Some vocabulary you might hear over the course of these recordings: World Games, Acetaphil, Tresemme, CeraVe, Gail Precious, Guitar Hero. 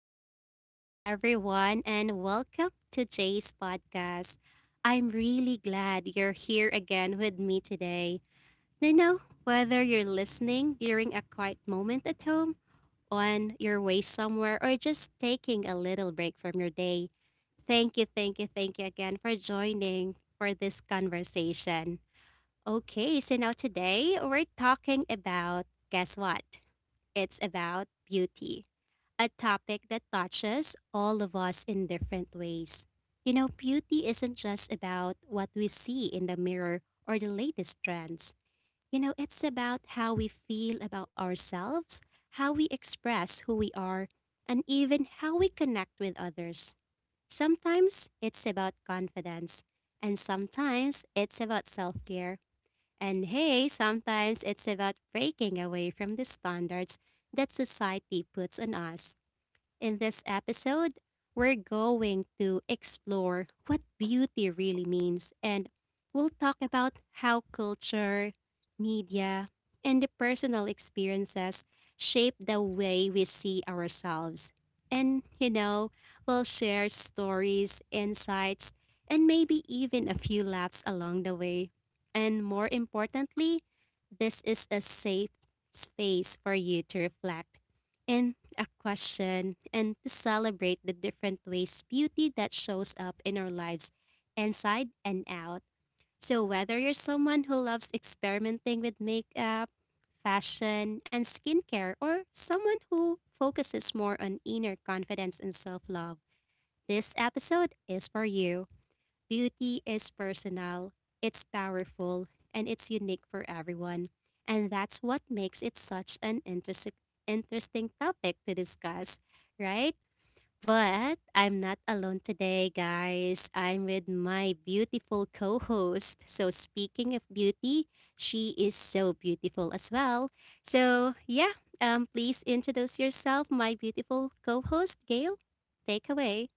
Good evening, everyone, and welcome to Jay's podcast. I'm really glad you're here again with me today. Whether you're listening during a quiet moment at home, on your way somewhere, or just taking a little break from your day, thank you, thank you, thank you again for joining for this conversation. Okay, so now today we're talking about, guess what? It's about beauty, a topic that touches all of us in different ways. Beauty isn't just about what we see in the mirror or the latest trends. It's about how we feel about ourselves, how we express who we are, and even how we connect with others. Sometimes it's about confidence, and sometimes it's about self care. And hey, sometimes it's about breaking away from the standards that society puts on us. In this episode, we're going to explore what beauty really means, and we'll talk about how culture, media, and the personal experiences shape the way we see ourselves. And, we'll share stories, insights, and maybe even a few laughs along the way. And more importantly, this is a safe space for you to reflect and a question and to celebrate the different ways beauty that shows up in our lives, inside and out. So whether you're someone who loves experimenting with makeup, fashion, and skincare, or someone who focuses more on inner confidence and self-love, this episode is for you. Beauty is personal, it's powerful, and it's unique for everyone. And that's what makes it such an interesting topic to discuss, right? But I'm not alone today, guys. I'm with my beautiful co-host. So speaking of beauty, she is so beautiful as well. So, yeah, please introduce yourself, my beautiful co-host Gail. Take away.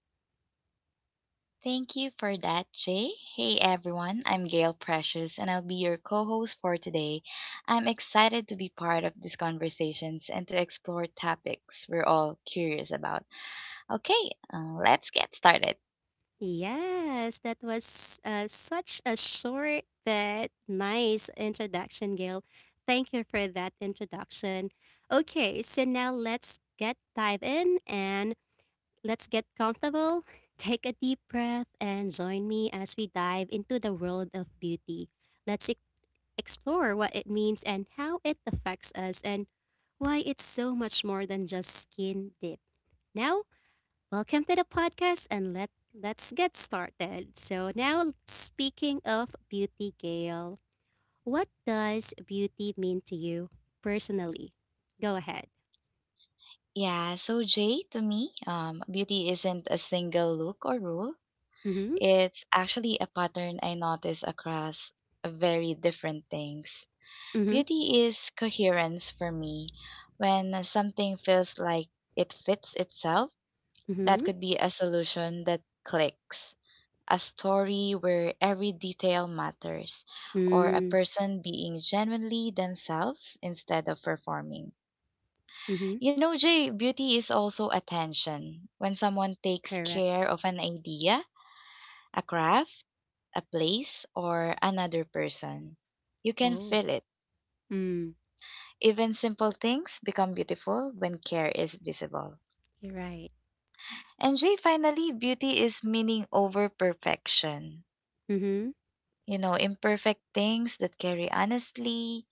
Thank you for that, Jay. Hey everyone, I'm Gail Precious and I'll be your co host for today. I'm excited to be part of these conversations and to explore topics we're all curious about. Okay, let's get started. Yes, that was such a short but nice introduction, Gail. Thank you for that introduction. Okay, so now let's get dive in and let's get comfortable. Take a deep breath and join me as we dive into the world of beauty. Let's e- Explore what it means and how it affects us and why it's so much more than just skin deep. Now, welcome to the podcast and let's get started. So now speaking of beauty, Gail, what does beauty mean to you personally? Go ahead. Yeah, so Jay, to me, beauty isn't a single look or rule, Mm-hmm. it's actually a pattern I notice across very different things. Mm-hmm. Beauty is coherence for me when something feels like it fits itself. Mm-hmm. That could be a solution that clicks, a story where every detail matters, or a Mm. person being genuinely themselves instead of performing. Mm-hmm. You know, Jay, beauty is also attention. When someone takes Correct. care of an idea, a craft, a place, or another person, you can Oh. feel it. Mm. Even simple things become beautiful when care is visible. You're right. And Jay, finally, beauty is meaning over perfection. Mm-hmm. Imperfect things that carry honestly,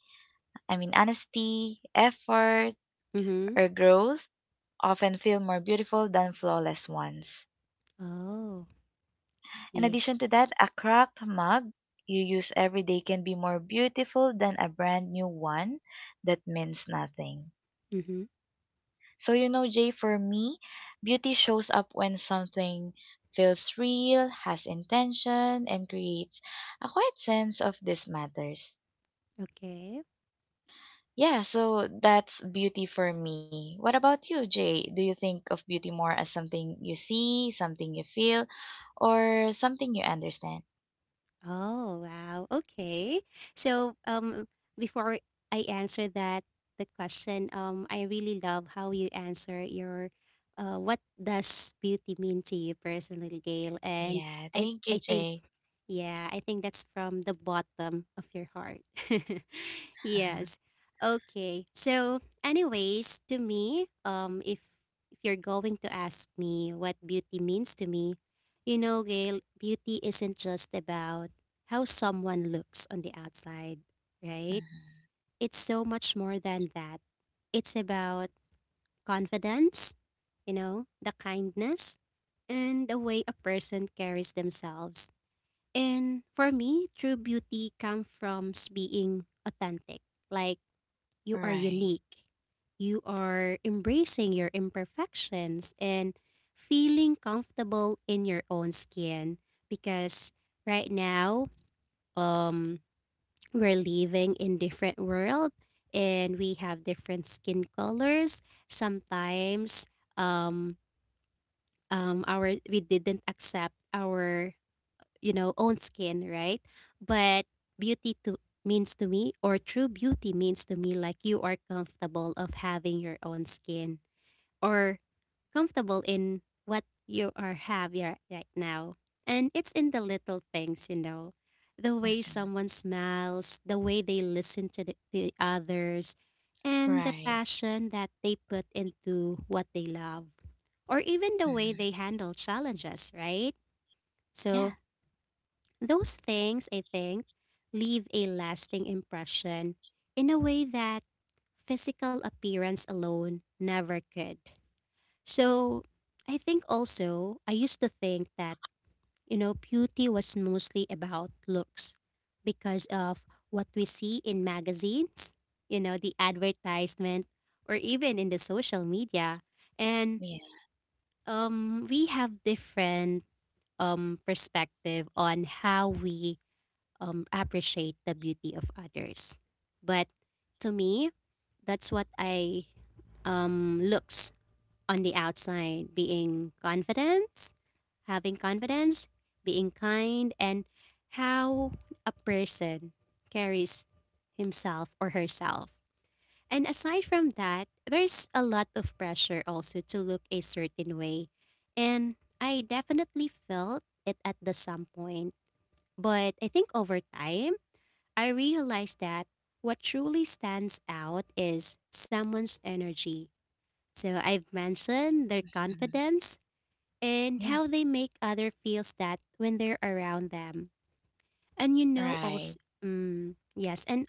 I mean, honesty, effort, Mm-hmm. or growth often feel more beautiful than flawless ones. Oh. In Yeah. addition to that, a cracked mug you use every day can be more beautiful than a brand new one that means nothing. Mm-hmm. So, Jay, for me, beauty shows up when something feels real, has intention, and creates a quiet sense of this matters. Okay. Yeah, so that's beauty for me. What about you, Jay? Do you think of beauty more as something you see, something you feel, or something you understand? Oh, wow. Okay. So, before I answer that, the question, I really love how you answer your, what does beauty mean to you personally, Gail? And Yeah, I, thank you, I think, Jay. yeah, I think that's from the bottom of your heart. Yes. Okay. So, anyways, to me, if you're going to ask me what beauty means to me, you know, Gail, beauty isn't just about how someone looks on the outside, right? Mhm. It's so much more than that. It's about confidence, you know, the kindness, and the way a person carries themselves. And for me, true beauty comes from being authentic. Like, you are Right. unique. You are embracing your imperfections and feeling comfortable in your own skin, because right now, um we're living in different world and we have different skin colors. Sometimes um our we didn't accept our, you know, own skin, right? But beauty to means to me, or true beauty means to me, like you are comfortable of having your own skin, or comfortable in what you are having right now. And it's in the little things, you know. The way Mhm. someone smiles, the way they listen to the others, and the Right. passion that they put into what they love, or even the way Mhm. they handle challenges, right? So, Yeah. those things, I think, leave a lasting impression in a way that physical appearance alone never could. So, I think also, I used to think that, you know, beauty was mostly about looks because of what we see in magazines, you know, the advertisement, or even in the social media. And Yeah. We have different perspective on how we appreciate the beauty of others. But to me, that's what I, looks on the outside: being confident, having confidence, being kind, and how a person carries himself or herself. And aside from that, there's a lot of pressure also to look a certain way. And I definitely felt it at the some point. But I think over time, I realized that what truly stands out is someone's energy. So I've mentioned their Mhm. confidence and Yeah. how they make other feels that when they're around them. And you know Right. also, mm, yes, and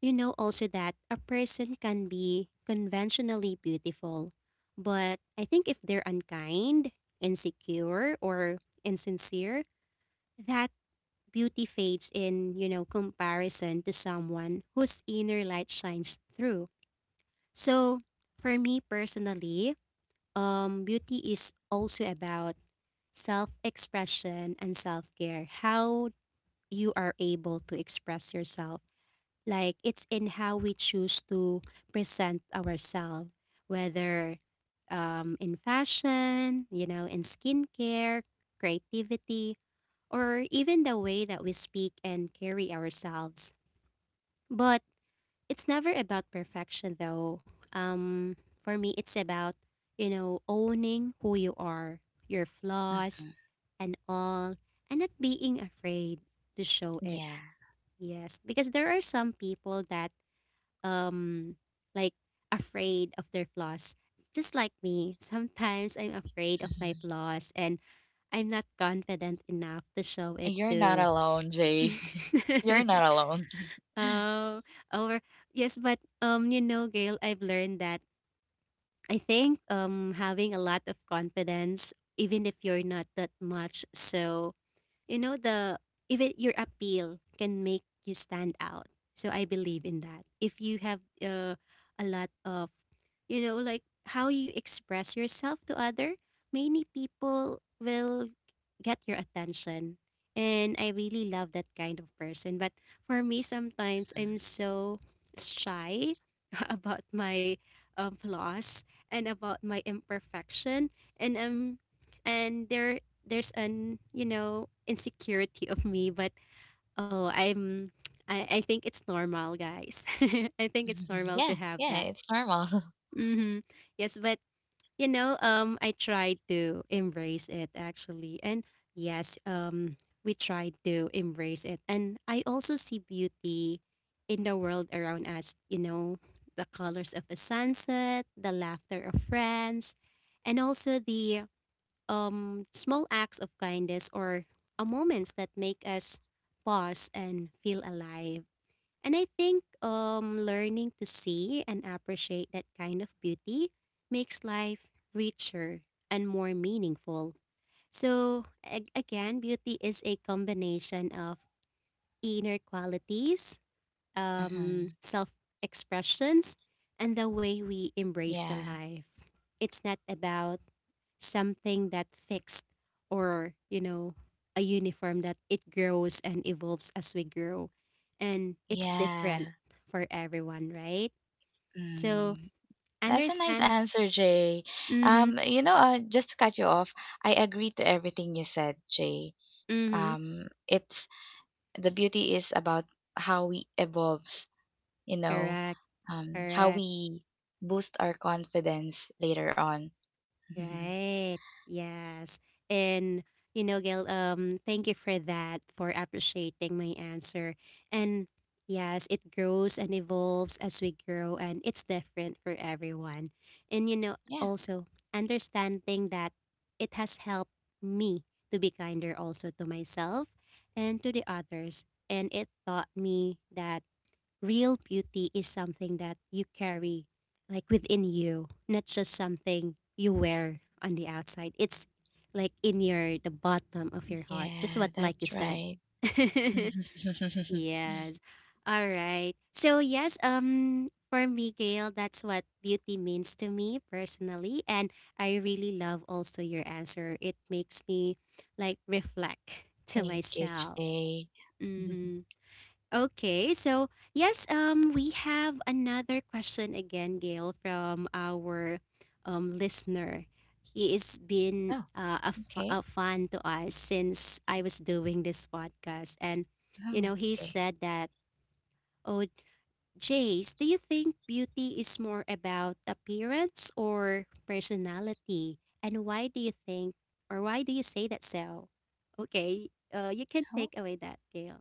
you know also that a person can be conventionally beautiful, but I think if they're unkind, insecure, or insincere, that beauty fades in, you know, comparison to someone whose inner light shines through. So, for me personally, beauty is also about self expression and self care, how you are able to express yourself. Like, it's in how we choose to present ourselves, whether in fashion, you know, in skincare, creativity, or even the way that we speak and carry ourselves. But it's never about perfection, though. Um, for me, it's about, you know, owning who you are, your flaws Mhm. and all, and not being afraid to show it. Yeah. Yes, because there are some people that, um, like, afraid of their flaws. Just like me, sometimes I'm afraid of my Mhm. flaws and I'm not confident enough to show it You're not to alone, Jay. You're not alone. oh, or yes, but you know, Gail, I've learned that I think having a lot of confidence, even if you're not that much, so you know the even your appeal can make you stand out. So I believe in that, if you have a lot of, you know, like how you express yourself to other, many people will get your attention, and I really love that kind of person. But for me sometimes I'm so shy about my, flaws and about my imperfection, and um and there's an, you know, insecurity of me. But oh, I think it's normal, guys. I think it's normal Yeah. to have Yeah. that. It's normal. Mm-hmm. Yes, but, you know, I tried to embrace it actually, and yes, we tried to embrace it, and I also see beauty in the world around us. You know, the colors of a sunset, the laughter of friends, and also the small acts of kindness, or moments that make us pause and feel alive. And I think, learning to see and appreciate that kind of beauty makes life richer and more meaningful. So, again, beauty is a combination of inner qualities, Mhm. self expressions, and the way we embrace the Yeah. life. It's not about something that fixed, or, you know, a uniform that it grows and evolves as we grow. And it's different Yeah. for everyone, right? So Mm. That's a nice understand. answer, Jay. Mm-hmm. Just to cut you off, I agree to everything you said, Jay. Mm-hmm. It's The beauty is about how we evolve, you know, Correct. How Correct. we boost our confidence later on. Right. Yes. And you know, Gail, thank you for that, for appreciating my answer. And yes, it grows and evolves as we grow, and it's different for everyone. And you know, Yeah, also understanding that it has helped me to be kinder also to myself and to the others. And it taught me that real beauty is something that you carry like within you, not just something you wear on the outside. It's like in your the bottom of your heart. Just yeah, what like you that's said. right. Yes. All right. So yes, for me, Gail, that's what beauty means to me personally. And I really love also your answer. It makes me like reflect to Thank you, myself. Jay. Mm-hmm. Okay, so yes, we have another question again, Gail, from our listener. He has been Oh, a, okay. a fan to us since I was doing this podcast. And, you Oh, know, he okay. said that, oh, Jace, do you think beauty is more about appearance or personality? And why do you think, or why do you say that so? Okay, you can Oh, take away that, Gail.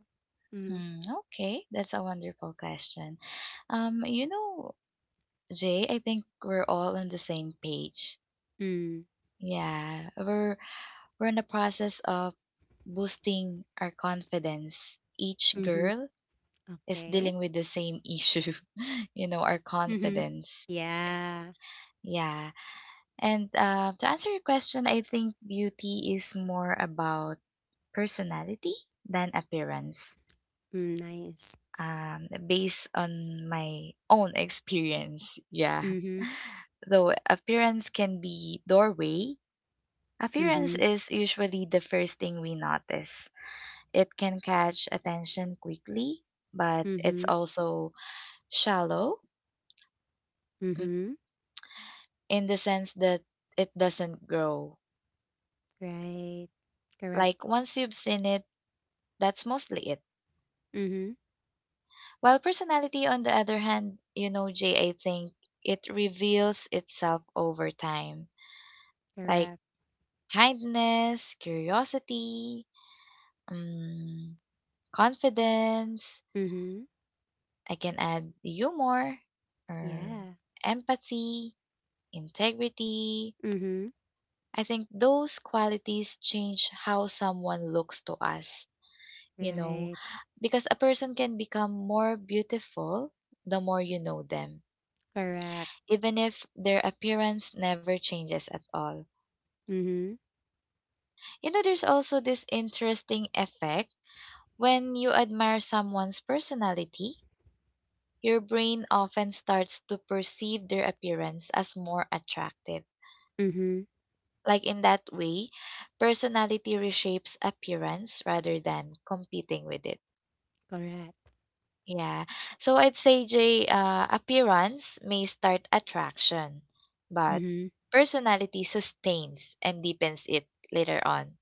Mm. hmm, okay. That's a wonderful question. You know, Jay, I think we're all on the same page. Mm. Yeah, we're in the process of boosting our confidence. Each girl is Okay. dealing with the same issue, our Mm-hmm. confidence. Yeah. Yeah, and to answer your question, I think beauty is more about personality than appearance. Mm, nice. Based on my own experience, yeah. Mm-hmm. Though appearance can be doorway. Appearance Mm-hmm. is usually the first thing we notice. It can catch attention quickly, but it's Mm-hmm. also shallow, mm, Mm-hmm. in the sense that it doesn't grow. Right. Correct. Like once you've seen it, that's mostly it. Mm-hmm. While personality, on the other hand, you know, Jay, I think it reveals itself over time. Like Correct. kindness, curiosity, um, confidence, Mm-hmm. I can add humor or Yeah. empathy, integrity. Mm-hmm. I think those qualities change how someone looks to us, you know, Right. because a person can become more beautiful the more you know them, Correct. even if their appearance never changes at all. Mm-hmm. You know, there's also this interesting effect when you admire someone's personality. Your brain often starts to perceive their appearance as more attractive. Mm-hmm. Like in that way, personality reshapes appearance rather than competing with it. Correct. Yeah. So I'd say, Jay, appearance may start attraction, but Mm-hmm. personality sustains and deepens it later on.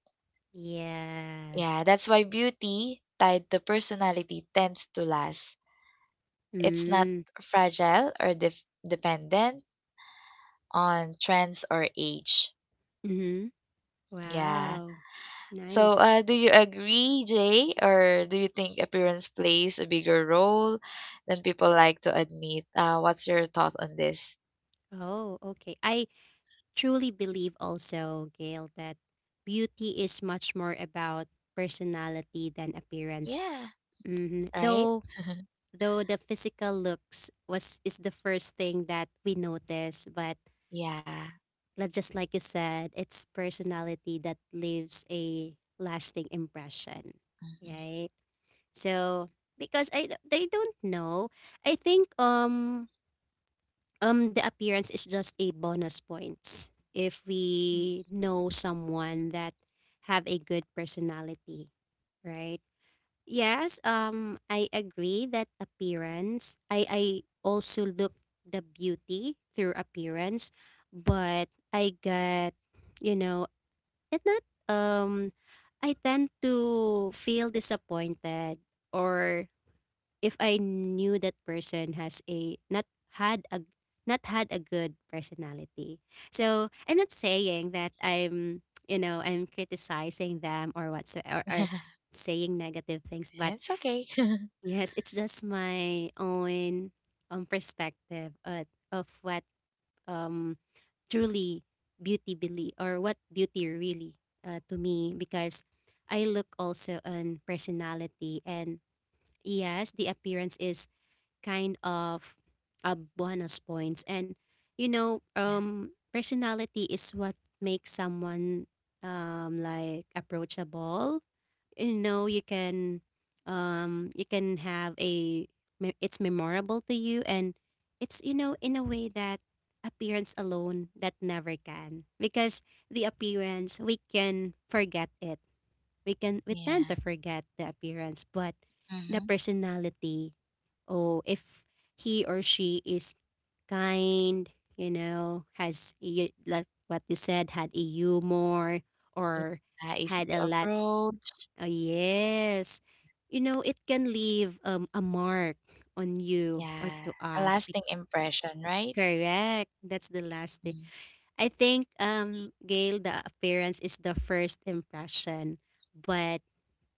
Yes. Yeah, that's why beauty tied to personality tends to last. It's not Mm. fragile or dependent on trends or age. Mm-hmm. Yeah. Wow. So, Nice. Do you agree, Jay, or do you think appearance plays a bigger role than people like to admit? What's your thought on this? Oh, okay. I truly believe also, Gail, that beauty is much more about personality than appearance. Yeah, Hmm. right? Though though the physical looks was is the first thing that we notice, but Yeah. Just like you said, it's personality that leaves a lasting impression, Mhm. right? So because I don't know, I think the appearance is just a bonus point if Mm. we know someone that have a good personality, right? Yes, I agree that appearance. I also look the beauty through appearance, but I get, you know, it not um, I tend to feel disappointed, or if I knew that person has a not had a not had a good personality. So I'm not saying that I'm I'm criticizing them or what's or saying negative things, but It's okay. yes, it's just my own perspective of what um truly beauty believe or what beauty really to me because I look also on personality. And yes, the appearance is kind of bonus points. And Yeah. Personality is what makes someone like approachable. You know, you can have a it's memorable to you, and it's in a way that appearance alone that never can, because the appearance we can forget it, we can we tend Yeah. to forget the appearance. But the Mm-hmm. personality, oh, if he or she is kind, has like what you said, had a humor or Yeah. Easy had a to lot, approach. oh yes, you know it can leave a mark on you or Yeah. to A us. Lasting impression, right? Correct, that's the last thing. Mm. I think, Gail, the appearance is the first impression, but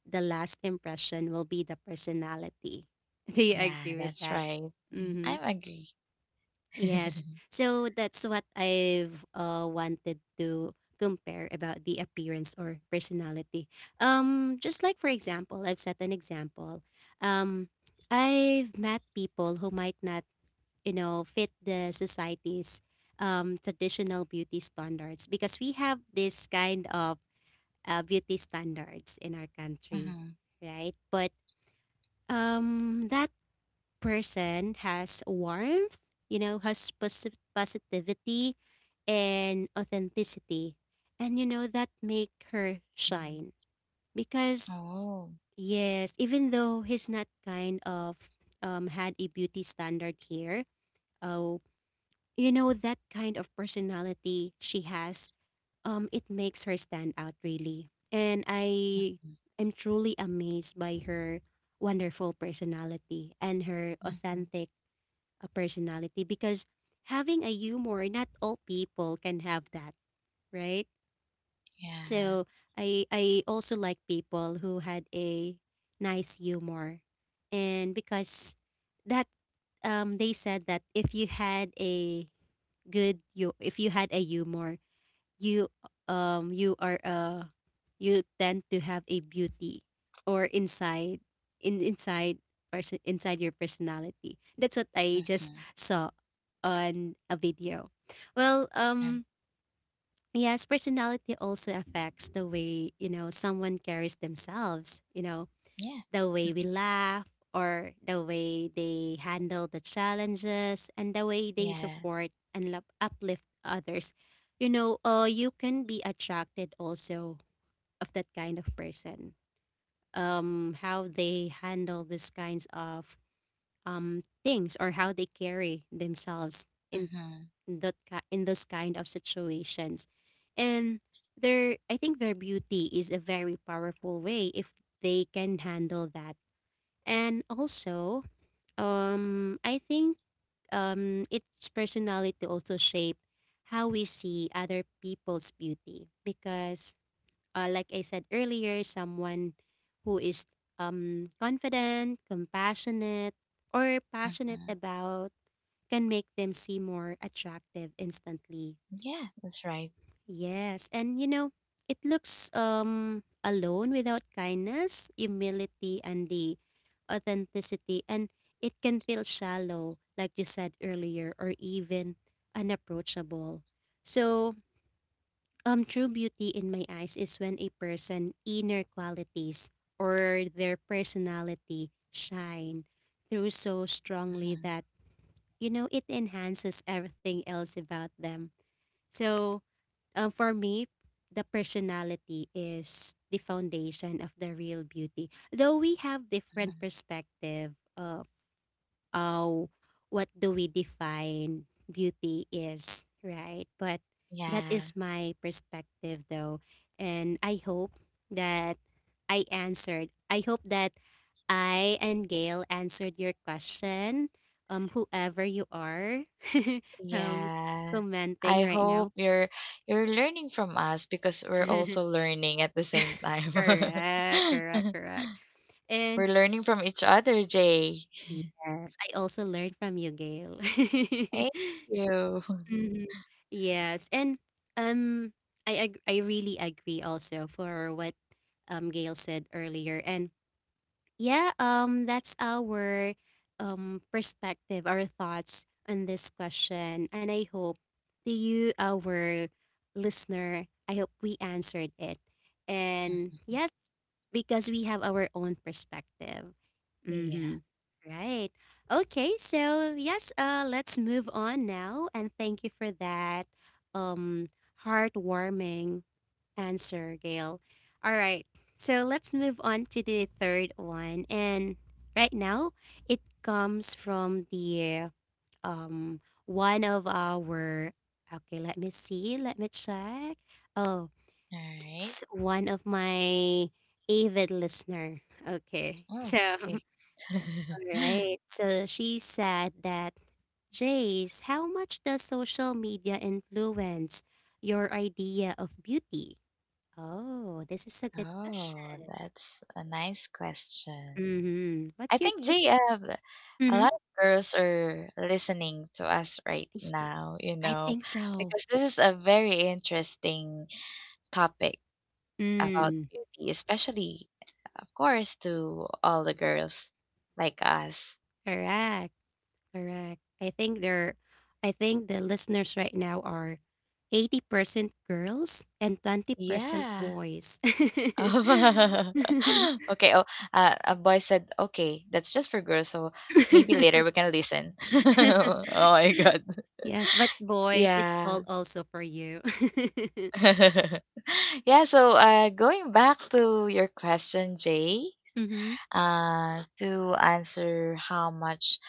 the last impression will be the personality. Do you Yeah, agree with that's that? right. Mhm. Mm-hmm. I agree. Yes. So that's what I've wanted to compare about the appearance or personality. Just like for example, I've set an example. Um, I've met people who might not, you know, fit the society's traditional beauty standards because we have this kind of beauty standards in our country, Mm-hmm. right? But that person has warmth, you know, has positivity and authenticity. And you know that make her shine, Mm-hmm. because Oh. yes, even though he's not kind of had a beauty standard here, oh, you know that kind of personality she has, it makes her stand out really. And I Mhm. am truly amazed by her wonderful personality and her Mhm. authentic a personality, because having a humor, not all people can have that, right? Yeah. So I also like people who had a nice humor. And because that, they said that if you had a good, you, if you had a humor, you, you are, you tend to have a beauty or inside, in inside person, inside your personality. That's what I just Mm-hmm. saw on a video. Well, Mm, yes, personality also affects the way, you know, someone carries themselves, you know, yeah. the way Mm, we laugh or the way they handle the challenges and the way they yeah. support and love uplift others. You know, you can be attracted also of that kind of person, how they handle these kinds of things or how they carry themselves in Mhm. In those kind of situations. And their, I think their beauty is a very powerful way if they can handle that. And also, I think its personality also shape how we see other people's beauty, because, like I said earlier, someone who is confident, compassionate, or passionate Mhm. about can make them seem more attractive instantly. Yeah, that's right. Yes, and you know, it looks alone without kindness, humility, and the authenticity, and it can feel shallow, like you said earlier, or even unapproachable. So, true beauty in my eyes is when a person' inner qualities or their personality shine through so strongly Mhm. that you know it enhances everything else about them. So for me, the personality is the foundation of the real beauty. Though we have different Mhm. perspective of how what do we define beauty is, right? But that Yeah. is my perspective though. And I hope that I answered. I hope that I and Gail answered your question. Whoever you are, um, Yeah. commenting I right now. hope you're learning from us because we're also learning at the same time. Correct, correct, correct. And We're learning from each other, Jay. yes, I also learned from you, Gail. Thank you. Mhm. Yes, and um, I really agree also for what Gail said earlier, and yeah, that's our perspective, our thoughts on this question. And I hope to you, our listener, I hope we answered it. And yes, because we have our own perspective. Mm, yeah. Mm-hmm. Right. Okay, so yes, let's move on now. And thank you for that um, heartwarming answer, Gail. All right. So let's move on to the third one. And right now, it comes from the um one of our, okay, let me see, let me check. Oh, All right. it's one of my avid listener. Okay. So, Oh, all okay. right. So she said that, Jace, how much does social media influence your idea of beauty? Oh, this is a good Oh, question. that's a nice question. Mhm. I What's your think take? Jay, a Mhm. lot of girls are listening to us right now, you I know, think so. because this is a very interesting topic about Mm, beauty, especially, of course, to all the girls like us. correct, correct. I think they're, I think the listeners right now are 80% girls and 20% Yeah. boys. Okay. Oh, a boy said, okay, that's just for girls. So maybe later we can listen. Oh my God. Yes, but boys, it's all Yeah. also for you. Yeah. So, going back to your question, Jay. Mm-hmm. To answer how much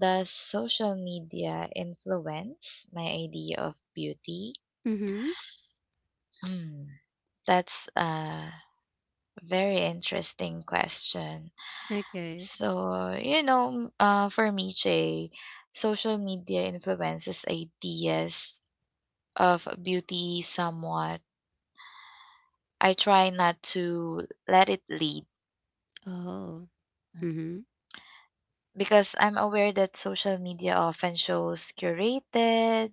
does social media influence my idea of beauty? Mm-hmm. Hmm, that's a very interesting question. Okay. So, for me, Jay, social media influences ideas of beauty somewhat. I try not to let it lead Oh. Mm-hmm. because I'm aware that social media often shows curated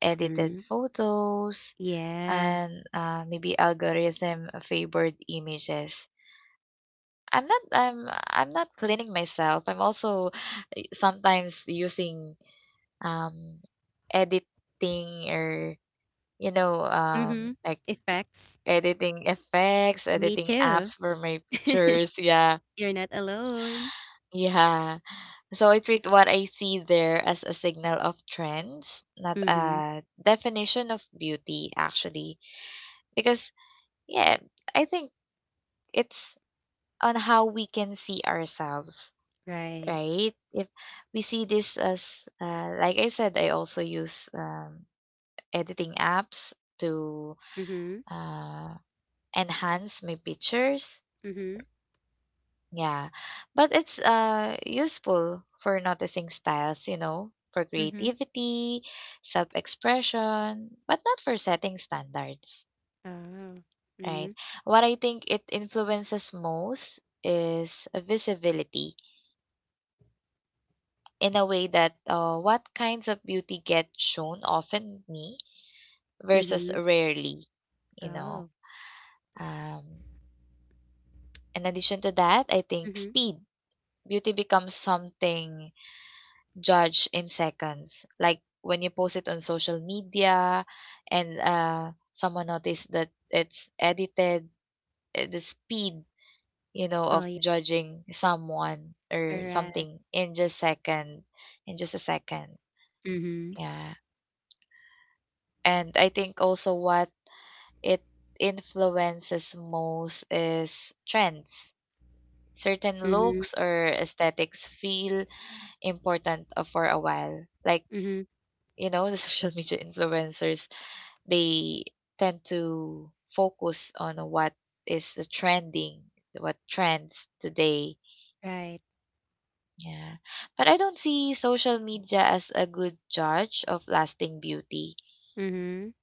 edited Mm-hmm. photos, Yeah. and maybe algorithm favored images. I'm not I'm I'm not cleaning myself. I'm also sometimes using um editing or Mm-hmm. like Effects. editing effects, Me editing too. apps for my pictures. Yeah. You're not alone. Yeah. So I treat what I see there as a signal of trends, not Mm-hmm. a definition of beauty actually. Because yeah, I think it's on how we can see ourselves, Right. right? If we see this as, like I said, I also use editing apps to Mm-hmm. uh, enhance my pictures. Mm-hmm. Yeah, but it's useful for noticing styles, for Mm-hmm. creativity, self-expression, but not for setting standards. Oh. Right, Mm-hmm. what I think it influences most is visibility, in a way that, what kinds of beauty get shown often me versus Mm-hmm. rarely, you know. Oh. Um, in addition to that, I think Mm-hmm. speed. Beauty becomes something judged in seconds. Like when you post it on social media and someone noticed that it's edited, the speed, Oh of yeah. judging someone or Correct. something, in just a second. Mm-hmm. Yeah. And I think also what it influences most is trends. Certain Mm-hmm. looks or aesthetics feel important for a while. Like, Mm-hmm. The social media influencers, they tend to focus on what is the trending, what trends today. Right. Yeah. But I don't see social media as a good judge of lasting beauty. Mm-hmm.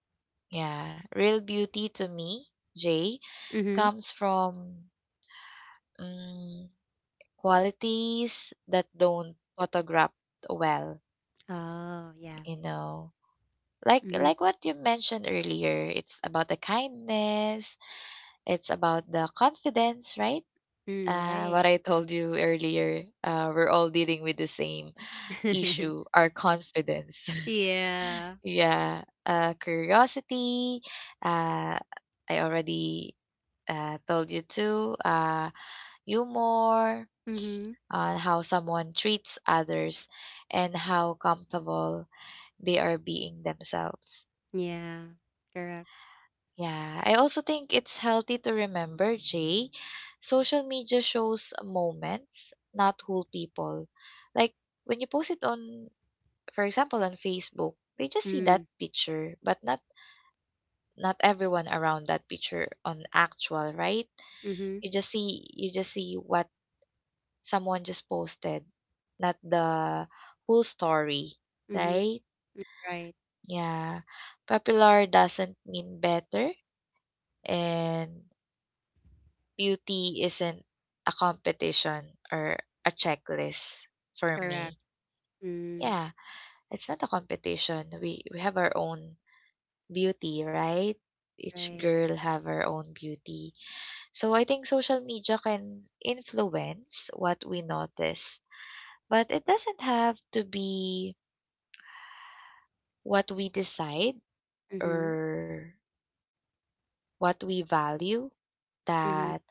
Yeah. Real beauty to me, Jay, Mm-hmm. comes from mm, qualities that don't photograph well, Oh yeah. you know. Like Mm-hmm. like what you mentioned earlier, it's about the kindness, it's about the confidence, right? Mm, right. What I told you earlier, we're all dealing with the same issue, our confidence. yeah. Yeah, curiosity. Uh, I already told you too. Humor, Mm-hmm. on how someone treats others and how comfortable they are being themselves. Yeah. Correct. Yeah, I also think it's healthy to remember, Jay, social media shows moments, not whole people. Like when you post it on, for example, on Facebook, they just see Mm. that picture, but not everyone around that picture on actual, right? Mm-hmm. You just see what someone just posted, not the whole story, Mm-hmm. right? Right. Yeah. Popular doesn't mean better, and beauty isn't a competition or a checklist for Correct. me. Mm. Yeah, it's not a competition. We have our own beauty, right? Each Right. girl have her own beauty. So I think social media can influence what we notice, but it doesn't have to be what we decide Mm-hmm. or what we value. Mm-hmm. That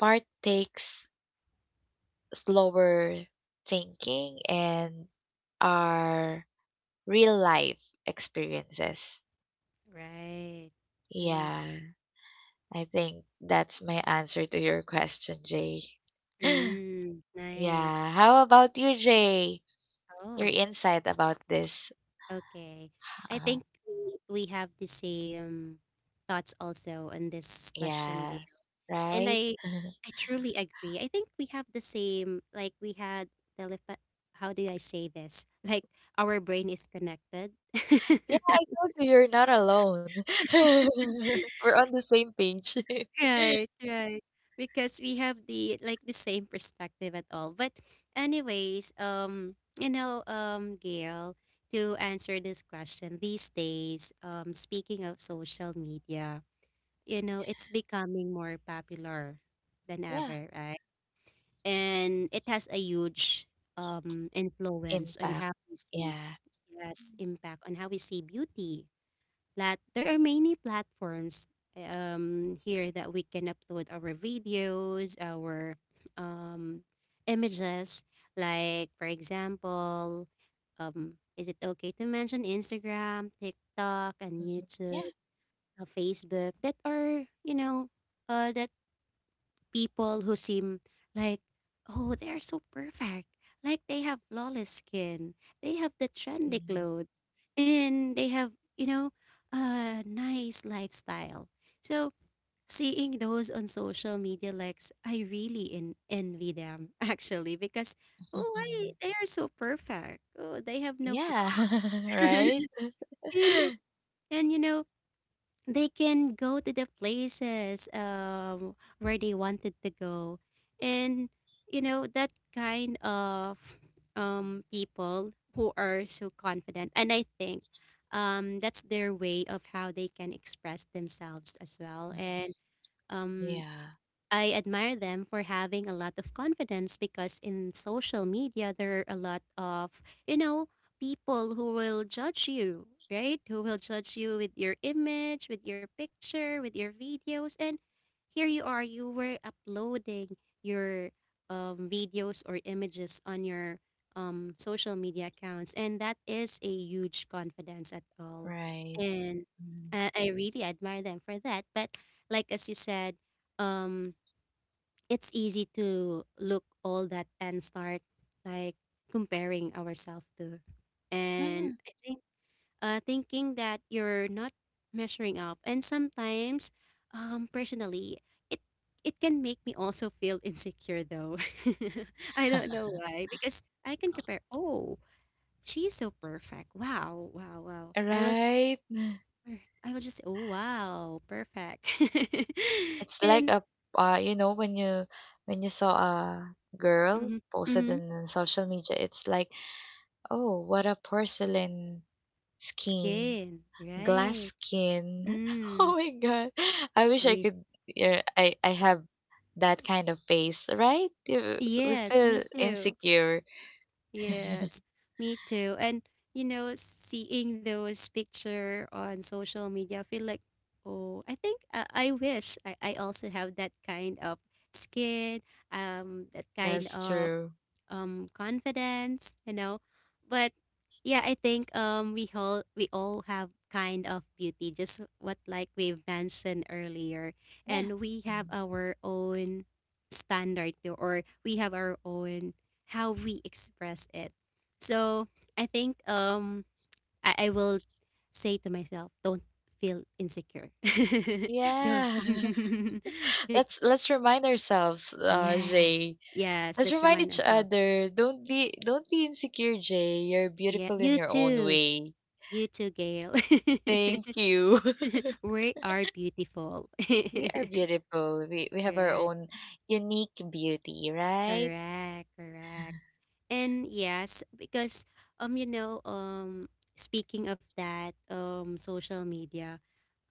part takes slower thinking and are real life experiences. Right. Nice. Yeah, I think that's my answer to your question, Jay. Mm, nice. Yeah, how about you, Jay? Your Oh, insight about this? okay. I Uh, think we have the same thoughts also on this question, yeah, Gail. And right? I truly agree. I think we have the same, like we had telepathy. How do I say this? Like our brain is connected. Yeah, I told you you're not alone. We're on the same page. Right, right. Because we have the like the same perspective at all. But anyways, you know, Gail, to answer this question these days, speaking of social media, you know, it's becoming more popular than Yeah, ever, right? And it has a huge influence on impact. how we see, Yeah. yes, impact on how we see beauty. Plat There are many platforms here that we can upload our videos, our um images, like for example, is it okay to mention Instagram, TikTok and Mhm. Yeah. YouTube, Facebook, that are, you know, that people who seem like, oh, they're so perfect. Like they have flawless skin, they have the trendy Mm. clothes, and they have, you know, a nice lifestyle. So seeing those on social media likes, I really envy them actually, because oh, why Mhm. they are so perfect. Oh, they have no Yeah. flaws. Right? And you know they can go to the places where they wanted to go. And you know that kind of people who are so confident. And I think that's their way of how they can express themselves as well. Mhm. And um, Yeah. I admire them for having a lot of confidence, because in social media there are a lot of, you know, people who will judge you, right? Who will judge you with your image, with your picture, with your videos. And here you are, you were uploading your videos or images on your social media accounts, and that is a huge confidence at all. Right. And Mhm. I really admire them for that. But like as you said, um, it's easy to look all that and start like comparing ourselves to. And Mhm. I think thinking that you're not measuring up, and sometimes personally it it can make me also feel insecure though. I don't know why, because I can compare, oh, she's so perfect, wow, wow, wow. i will just Right. I will just, oh wow, perfect. It's like And a you know, when you saw a girl mhm, posted mhm. on the social media, it's like, oh, what a porcelain skin, Skin, glass right? skin. Oh Mm, my God. I wish I yeah. could. Yeah, I have that kind of face, right? We Yes, me feel too. insecure. Yes, me too. And you know, seeing those picture on social media, I feel like, oh, I think I wish I also have that kind of skin, that kind That's of true. Confidence, you know. But yeah, I think we all have kind of beauty, just what like we've mentioned earlier. Yeah. And we have Mm. our own standard to- or we have our own how we express it. So I think I will say to myself, don't feel insecure. Don't. Yeah. Bec- Let's remind ourselves, yes. Jay. Yes, Let's let's remind remind each ourselves. other. Don't be insecure, Jay. You're Yeah, beautiful in you your own too. way. You too, Gail. Thank you. We are beautiful. We are beautiful. We have our Correct, own unique beauty, right? correct, correct. And yes, because you know, speaking of that, social media,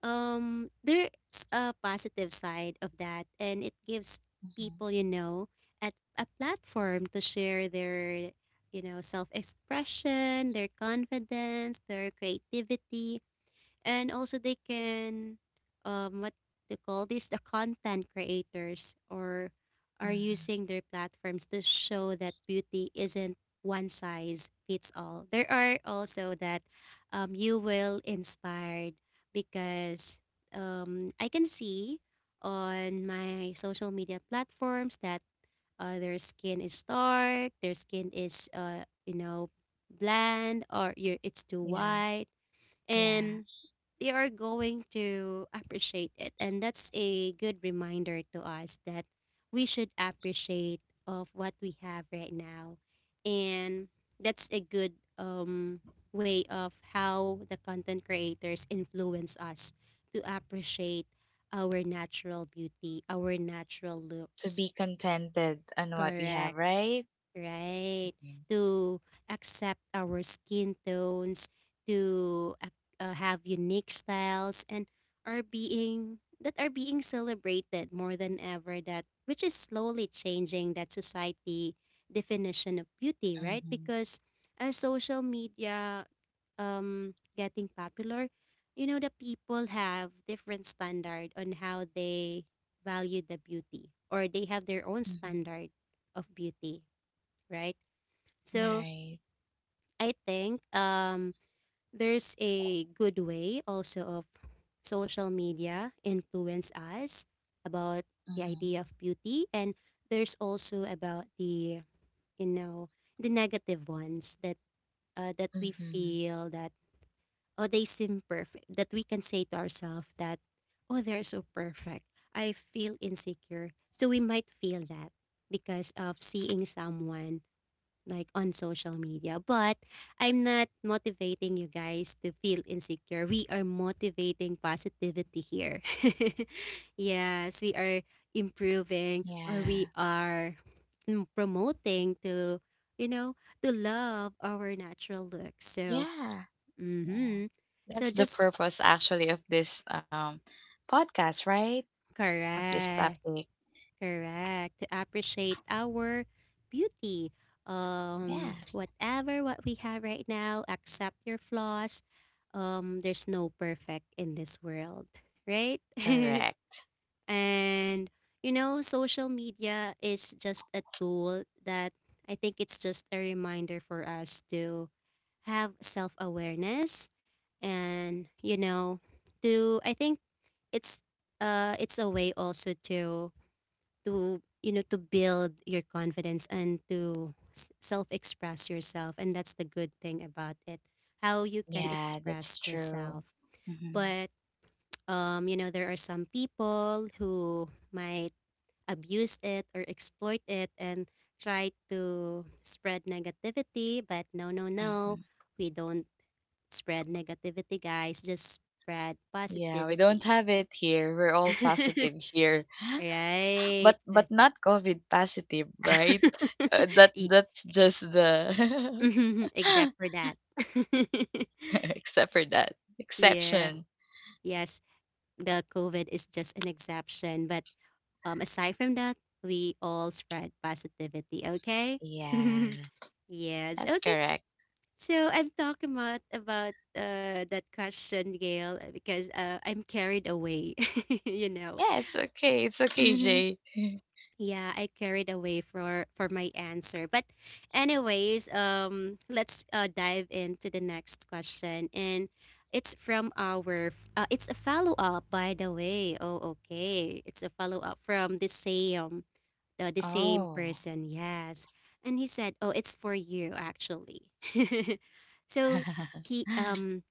there's a positive side of that, and it gives Hmm. people, you know, at a platform to share their, you know, self-expression, their confidence, their creativity. And also they can what they call this, the content creators, or are Hmm. using their platforms to show that beauty isn't one size fits all. There are also that you will inspired, because I can see on my social media platforms that their skin is dark, their skin is, you know, bland, or you it's too Yeah. white. Yeah. And they are going to appreciate it, and that's a good reminder to us that we should appreciate of what we have right now. And that's a good um, way of how the content creators influence us to appreciate our natural beauty, our natural To looks. be contented on what we have, Correct, right? right? Mm-hmm. To accept our skin tones, to have unique styles, and are being celebrated more than ever. That which is slowly changing that society definition of beauty, right? Because as social media getting popular, you know the people have different standard on how they value the beauty, or they have their own Mm-hmm. standard of beauty, right? So Right. I think there's a good way also of social media influence us about the Mm-hmm. idea of beauty, and there's also about the you know the negative ones that that we Mm-hmm. feel that oh they seem perfect that we can say to ourselves that oh they're so perfect. I feel insecure so we might feel that because of seeing someone like on social media. But I'm not motivating you guys to feel insecure. We are motivating positivity here. Yes, we are improving or we Yeah. are promoting to, you know, to love our natural look. So, Yeah. Yeah. mm-hmm. That's So the just purpose actually of this, podcast, right? Of this correct. topic. Correct. To appreciate our beauty. Yeah, Whatever what we have right now, accept your flaws. There's no perfect in this world, right? correct. And social media is just a tool that I think it's just a reminder for us to have self-awareness and to I think it's it's a way also to to build your confidence and to self-express yourself, and that's the good thing about it, how you can Yeah, express that's true. yourself. Hmm. But you know there are some people who might abuse it or exploit it and try to spread negativity, but no, no, no, Hmm. we don't spread negativity guys, just spread Yeah, we don't positivity. have it here. We're all positive here, but Right. but not COVID positive, right? Uh, that Y- that's just the. Mhm. Except for that. Except for that Yeah. exception. Yes, the COVID is just an exception, but aside from that, we all spread positivity, okay? Yeah, Yes. that's Okay. correct. So I am talking about that question, Gail, because I'm carried away, you know. Yeah, it's okay. It's okay, Mm-hmm. Jay. Yeah, I carried away for my answer. But anyways, let's dive into the next question, and it's from our it's a follow-up, by the way. Oh, okay. It's a follow-up from the same Oh. person. Yes. And he said, "Oh, it's for you actually." So he um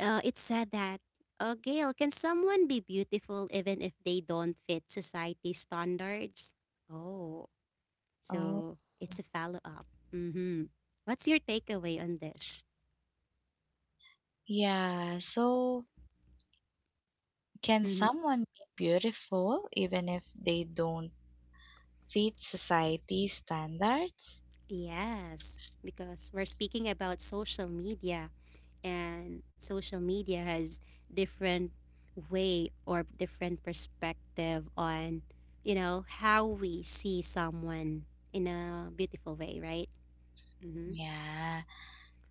uh, it said that, oh, Gail, can someone be beautiful even if they don't fit society standards? Oh, Oh, so it's a follow up. Mm-hmm. What's your takeaway on this? yeah. So, can Hmm. someone be beautiful even if they don't fit society standards? Yes, because we're speaking about social media, and social media has different way or different perspective on you know how we see someone in a beautiful way, right? Mm-hmm. Yeah,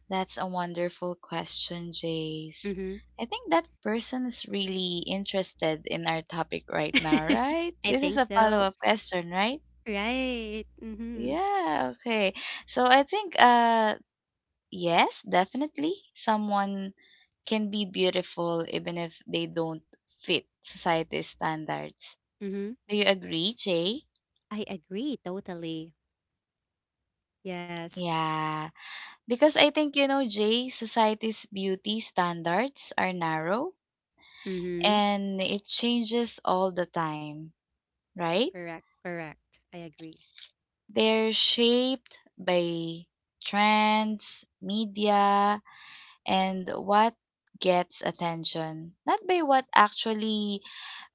that's a wonderful question, Jace. Mm-hmm. I think that person is really interested in our topic right now, right? I This is think a so. follow-up question, right? Right. Mm-hmm. Yeah, okay. So I think, yes, definitely. Someone can be beautiful even if they don't fit society's standards. Mm-hmm. Do you agree, Jay? I agree totally. Yes. Yeah. Because I think, you know, Jay, society's beauty standards are narrow Mm-hmm. and it changes all the time, right? Correct, correct. I agree. They're shaped by trends, media, and what gets attention, not by what actually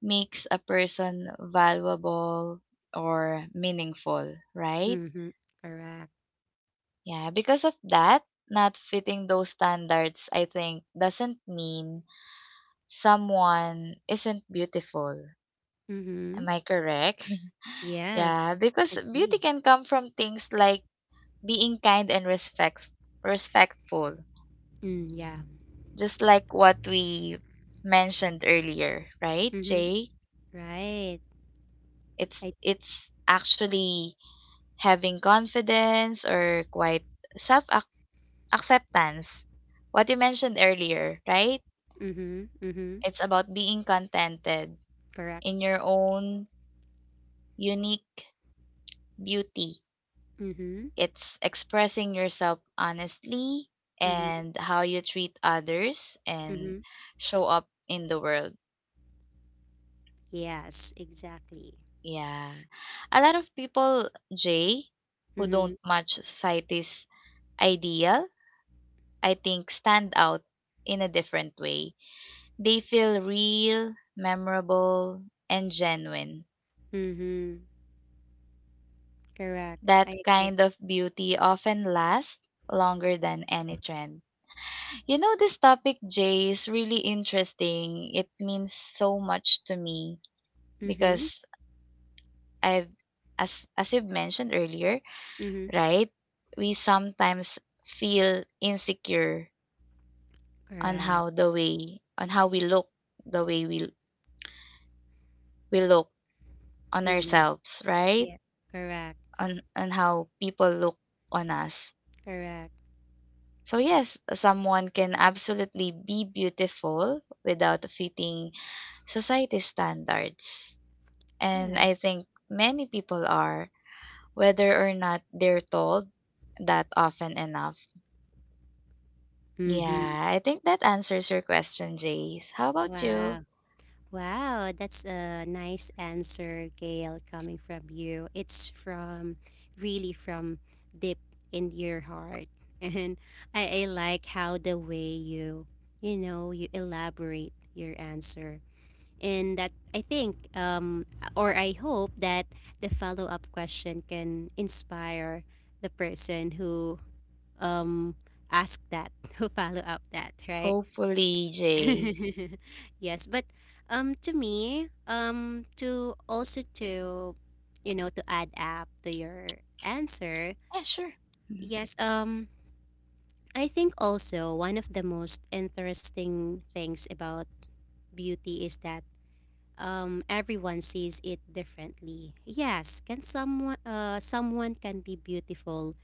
makes a person valuable or meaningful, right? Mm-hmm. Correct. Yeah, because of that, not fitting those standards, I think, doesn't mean someone isn't beautiful. Mm-hmm. Am I correct? Yes, Yeah, because agree. beauty can come from things like being kind and respectful, Mm, yeah. just like what we mentioned earlier, right, Mm-hmm. Jay? Right. It's I. it's actually having confidence or quite self acceptance. What you mentioned earlier, right? Mm-hmm. Mm-hmm. It's about being contented Correct. in your own unique beauty. Mm-hmm. It's expressing yourself honestly Mm-hmm. and how you treat others Mm-hmm. and show up in the world. Yes, exactly. Yeah. A lot of people, Jay, who Mm-hmm. don't match society's ideal, I think, stand out in a different way. They feel real, memorable, and genuine. Mm-hmm. Correct. I That agree. kind of beauty often lasts longer than any trend. You know, this topic, Jay, is really interesting. It means so much to me Mm-hmm. because I've, as you've mentioned earlier, Mm-hmm. right? We sometimes feel insecure on Correct. how the way, on how we look, the way we look on Mm-hmm. ourselves, right? Yeah. Correct. On how people look on us. Correct. So yes, someone can absolutely be beautiful without fitting society standards. And I Yes. think many people are, whether or not they're told that often enough. Mm-hmm. Yeah, I think that answers your question, Jace. How about you? Wow. Wow, that's a nice answer, Gail, coming from you. It's from really from deep in your heart. And I like how the way you, you elaborate your answer. And that I think, or I hope that the follow up question can inspire the person who um, asked that, who follow up that, right? Hopefully, Jay. Yes, but to me, to also to to add up to your answer, Yeah, sure. yes, I think also one of the most interesting things about beauty is that everyone sees it differently. Yes, can someone someone can be beautiful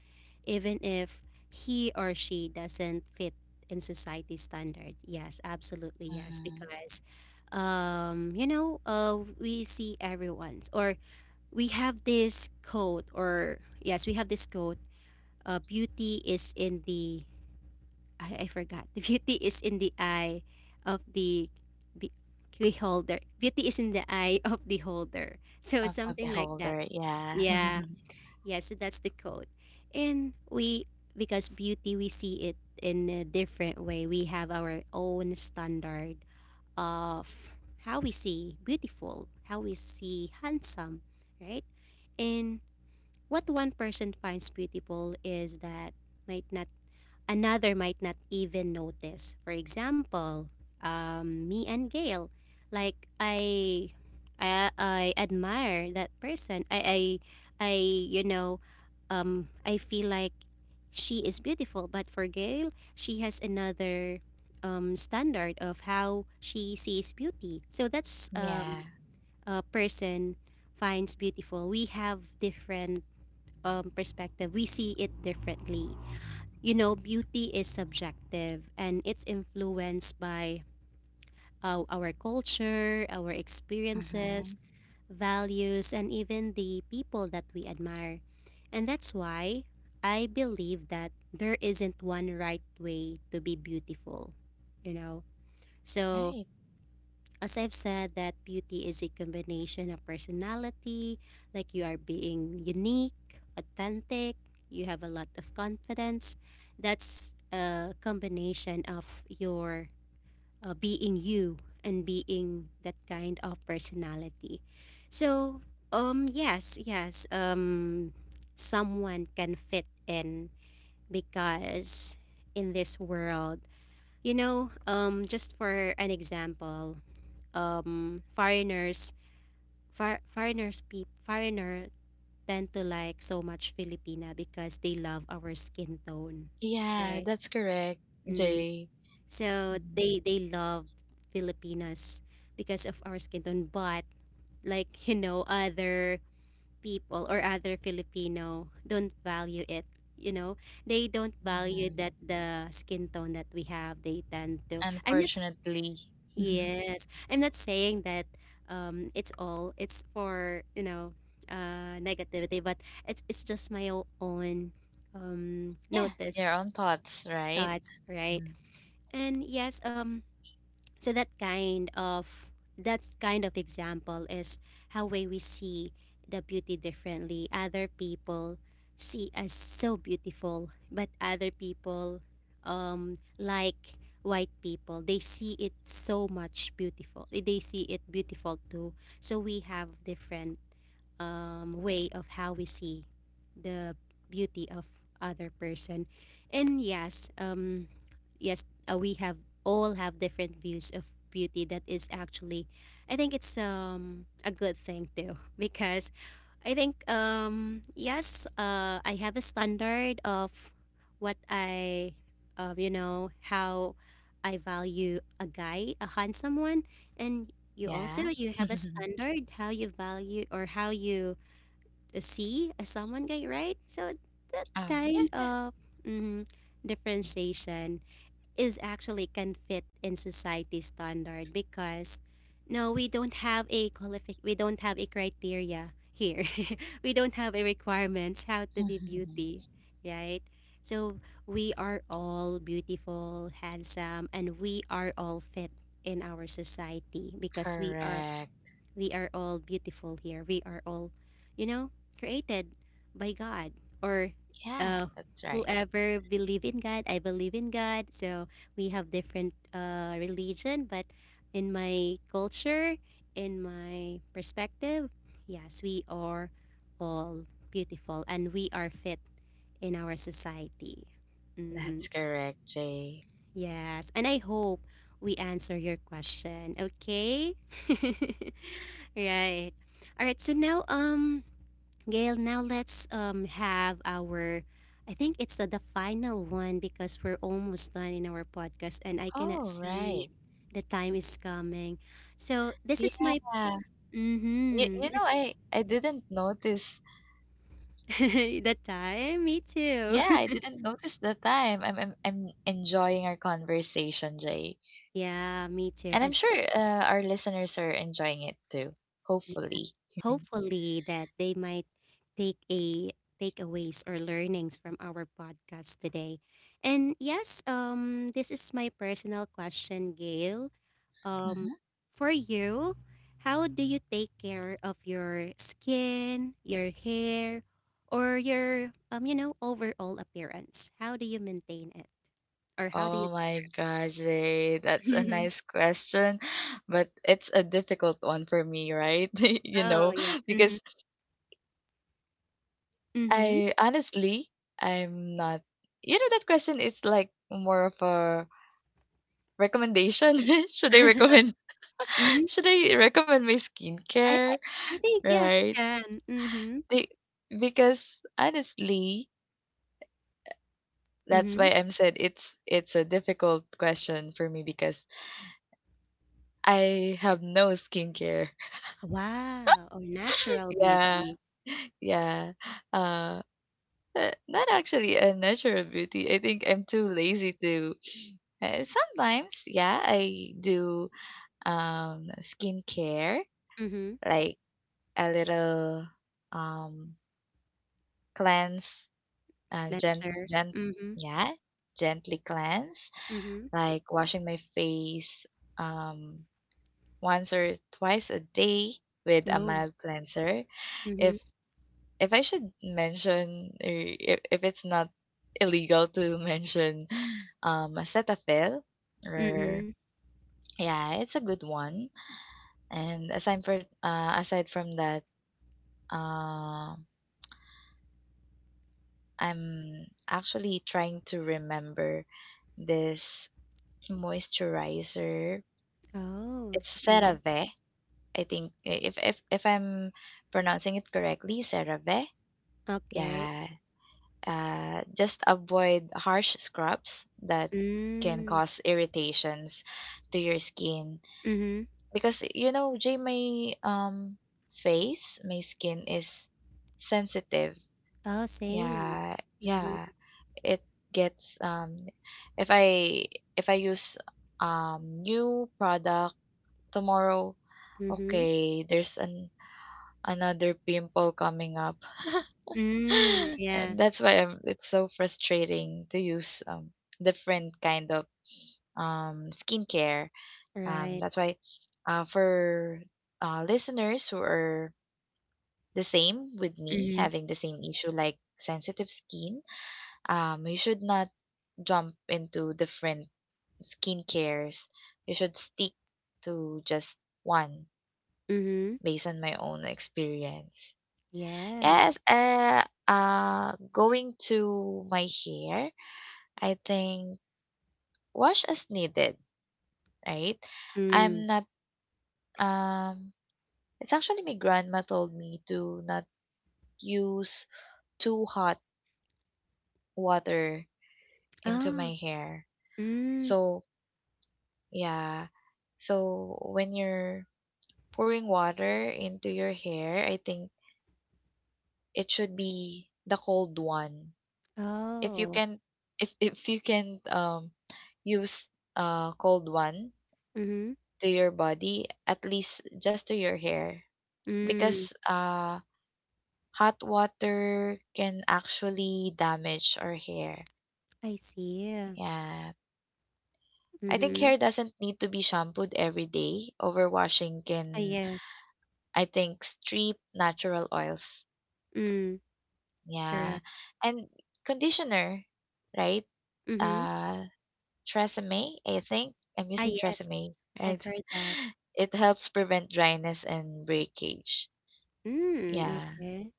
even if he or she doesn't fit in society standard. Yes, absolutely yes, Mm-hmm. because you know, we see everyone's or we have this quote or yes, we have this quote. Beauty is in the I forgot. The beauty is in the eye of the be- beholder. Beauty is in the eye of the holder. So Of a something like that. beholder, yeah. Yeah. Yes, that's the code. And we, because beauty, we see it in a different way. We have our own standard of how we see beautiful, how we see handsome, right? And what one person finds beautiful is that might not another might not even notice. For example, me and Gail, like I admire that person. I you know, I feel like she is beautiful, but for Gail, she has another standard of how she sees beauty. So that's Yeah. a person finds beautiful. We have different perspective. We see it differently. You know, beauty is subjective and it's influenced by our culture, our Mm-hmm. experiences, values, and even the people that we admire. And that's why I believe that there isn't one right way to be beautiful, you know. So, Right. as I've said, that beauty is a combination of personality, like you are being unique, authentic, you have a lot of confidence. That's a combination of your being you and being that kind of personality. So, yes, yes, someone can fit in because in this world, you know, just for an example, foreigners foreigner tend to like so much Filipina because they love our skin tone, Yeah, right? that's correct, Mm. Jay. So Mhm. They love Filipinas because of our skin tone, but like you know other people or other Filipino don't value it. You know, they don't value that Mhm. the skin tone that we have. They tend to. I'm not. Unfortunately. Yes, I'm not saying that it's all it's for you know negativity, but it's just my own Yeah, your notice own thoughts, right? thoughts, right? Mm. And yes, so that kind of example is how way we see the beauty differently. Other people see us so beautiful, but other people, like white people, they see it so much beautiful. They see it beautiful too. So we have different way of how we see the beauty of other person, and yes yes we have all have different views of beauty that is actually I think it's a good thing too because I think yes I have a standard of what I you know how I value a guy a handsome one, and you also Yeah. you have a standard how you value or how you see a someone guy, right? So that Oh, yeah, kind yeah. of mm, differentiation is actually can fit in society standard because no we don't have a qualific we don't have a criteria here. We don't have a requirements how to be beauty, right? So we are all beautiful handsome and we are all fit in our society because Correct. we are all beautiful here. We are all, you know, created by God or Yeah, uh, that's right. whoever believe in God. I believe in God. So we have different religion, but in my culture, in my perspective, yes, we are all beautiful and we are fit in our society. That's Mhm. correct, Jay. Yes, and I hope we answer your question. Okay. Right. All right. So now, Gail, now let's have our, I think it's the final one because we're almost done in our podcast, and I cannot Oh, see right. the time is coming. So this is my Yeah. You, you mm-hmm, know, I, I didn't notice. the time. Me too. Yeah, I didn't notice the time. I'm enjoying our conversation, Jay. Yeah, me too. And I'm And sure our listeners are enjoying it too, hopefully. hopefully that they might take a takeaways or learnings from our podcast today. And yes, this is my personal question, Gail. Um Mm-hmm. for you, how do you take care of your skin, your hair, or your you know, overall appearance? How do you maintain it? Or how do you Oh my gosh, Jay, that's a take nice question, but it's a difficult one for me, right? You Oh know, yeah. Mhm. because Mhm. I honestly, I'm not, you know, that question is like more of a recommendation. Should I Okay. recommend, Mhm. should I recommend my I, skincare, I I think yes, you right? can. Mhm. Be- Because honestly, that's why Mhm. I'm said it's a difficult question for me because I have no skincare. Wow! Oh, natural Yeah. beauty. Yeah. Uh, Not actually a natural beauty. I think I'm too lazy to sometimes, yeah, I do skincare, Mhm. like a little um cleanse, gent Cleanser. gent Mhm. yeah, gently cleanse, Mhm. like washing my face, um once or twice a day with a Oh. mild cleanser. If Mhm. if I should mention or if it's not illegal to mention acetaphil or Mhm. yeah, it's a good one. And aside from that, um I'm actually trying to remember this moisturizer. Oh. It's Mhm. CeraVe. I think if I'm pronouncing it correctly, CeraVe. Okay. Yeah, just avoid harsh scrubs that can Mm. cause irritations to your skin Mhm. because you know, Jay, my face, my skin is sensitive. Oh, same. Yeah, Mhm. yeah, it gets if I if I use new product tomorrow, Mhm. okay, there's an another pimple coming up. Mm. And Yeah. that's why I'm, it's so frustrating to use different kind of skincare. Right. That's why for listeners who are the same with me, Mhm. having the same issue like sensitive skin, you should not jump into different skincares. You should stick to just one Mhm. based on my own experience. Yes, Yes. Going to my hair. I think wash as needed, right? I'm Mm. not um it's actually my grandma told me to not use too hot water into Oh. my hair. Mm. So, yeah. So when you're pouring water into your hair, I think it should be the cold one. If you Oh. can if you can use cold one Mhm. to your body, at least just to your hair because Mm. Hot water can actually damage our hair. I see. Yeah. I think Mhm. hair doesn't need to be shampooed every day. Overwashing Ah, can yes. I think strip natural oils. Mm. Yeah. Correct. And conditioner, right? Mm-hmm. Uh Tresemme, I think. I'm Ah, using yes. Tresemme, I've right? heard that. It helps prevent dryness and breakage. Mm, Yeah. okay.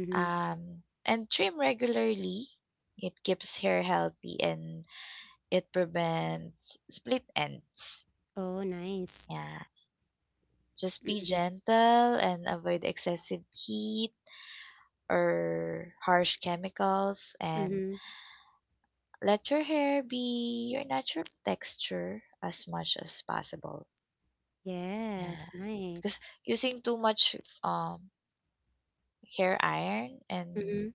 Mm-hmm. And trim regularly. It keeps hair healthy and it prevents split ends. Oh, nice. Yeah. Just be Mm-hmm. gentle and avoid excessive heat or harsh chemicals and Mm-hmm. let your hair be your natural texture as much as possible. Yes, Yeah. Because nice. using too much um hair iron Mm-hmm. and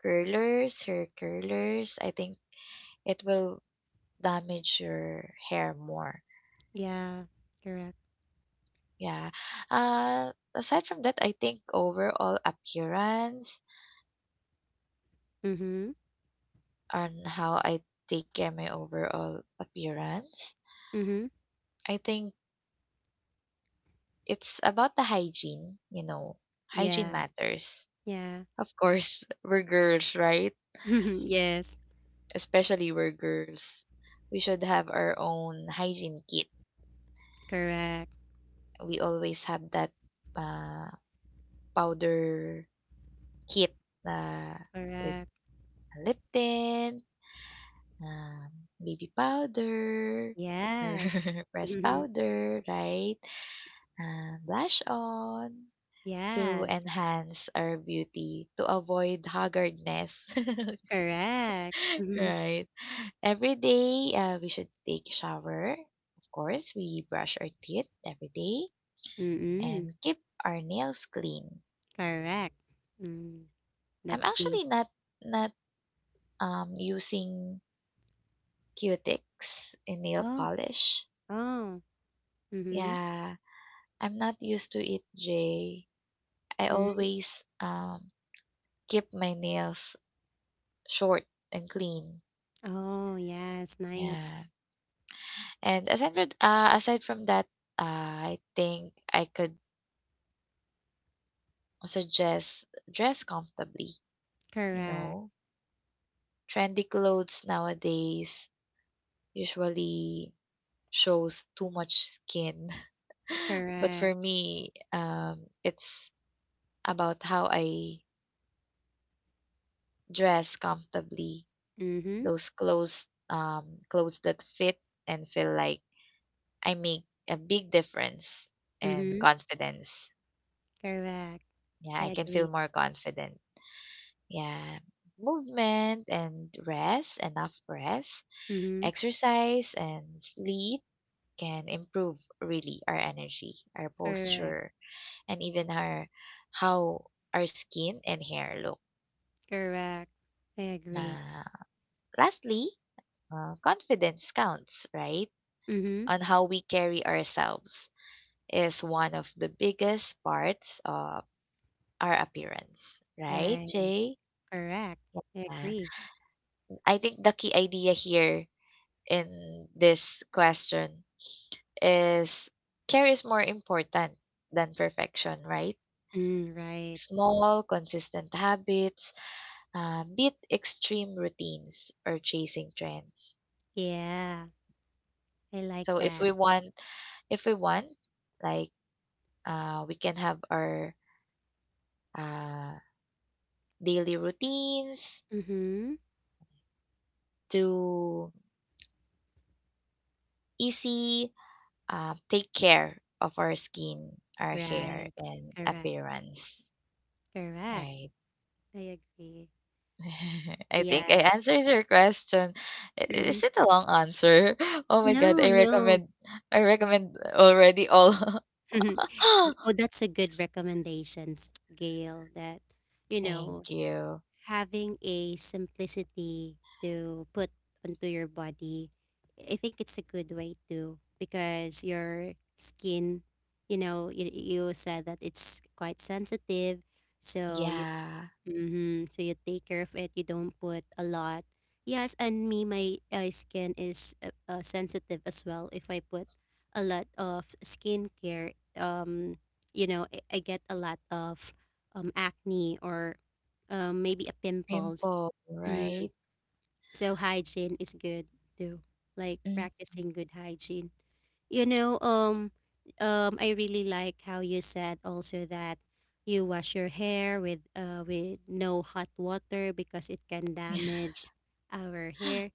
hair curlers, I think it will damage your hair more. Yeah, correct. Yeah. Aside from that, I think overall appearance Mm-hmm. and how I take care my overall appearance. Mm-hmm. I think it's about the hygiene, you know. Hygiene Yeah, matters. yeah. Of course, we're girls, right? Yes, Especially we're girls. We should have our own hygiene kit. correct, We always have that uh, powder kit uh, with correct. lip tint, um, baby powder, or Yes. press Mm-hmm. powder, right? Blush on to Yes, enhance our beauty, to avoid haggardness, correct. right? Every day, we should take shower. Of course, we brush our teeth every day Mm-hmm. and keep our nails clean. Correct. Mm, I'm that's the. actually not using Q-tips in nail Oh, polish. oh. Mm-hmm. Yeah, I'm not used to it, Jay. I Mm. always um keep my nails short and clean. Oh, yes, nice. Yeah. And aside from that, I think I could suggest dress comfortably, you Correct, know. Trendy clothes nowadays usually shows too much skin. But correct. for me, it's about how I dress comfortably. Mm-hmm. Those clothes clothes that fit and feel like I make a big difference Mm-hmm. and confidence. Correct. I Yeah, I can agree. feel more confident. Yeah, movement and rest, enough rest, Mm-hmm. exercise and sleep can improve really our energy, our Correct. posture, and even our how our skin and hair look. Correct. I agree. Na Lastly, confidence counts, right? Mm-hmm. On how we carry ourselves is one of the biggest parts of our appearance, right, Right. Jay? Correct. I Yeah. agree. I think the key idea here in this question is care is more important than perfection, right? Mm, right. Small, consistent habits beat extreme routines or chasing trends. Yeah. I like So that. If we want, like we can have our uh, daily routines Mm-hmm. to easy take care of our skin, our hair, Right. and Correct. appearance. Correct. Right. I agree. I think I Yes. answered your question. Is Mm-hmm. it a long answer? Oh my god, No, no. I recommend already all. Y- Oh, that's a good recommendations, Gail, that you know, Thank you. having a simplicity to put onto your body, I think it's a good way too because your skin, you know, you said that it's quite sensitive. So Yeah. Mhm. So you take care of it. You don't put a lot. Yes, and me, my skin is sensitive as well. If I put a lot of skincare, you know, I get a lot of acne or maybe a pimples. Pimple, Mm. right? So hygiene is good too. Like Mm. practicing good hygiene. You know, um, I really like how you said also that you wash your hair with no hot water because it can damage our hair.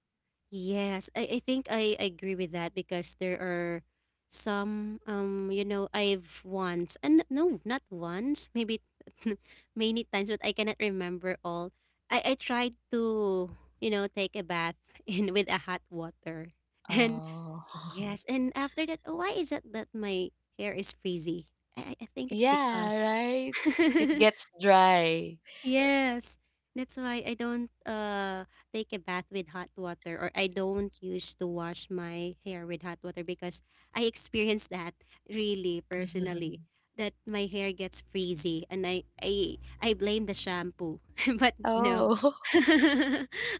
Yes, I think I agree with that because there are some I've once and no, not once, maybe many times, but I cannot remember all. I tried to take a bath in with a hot water and Oh. yes, and after that, why is it that my hair is frizzy? I think it's Yeah, because. right. It gets dry. Yes, that's why I don't take a bath with hot water, or I don't use to wash my hair with hot water because I experienced that really personally, that my hair gets frizzy, and I blame the shampoo. But no. Oh.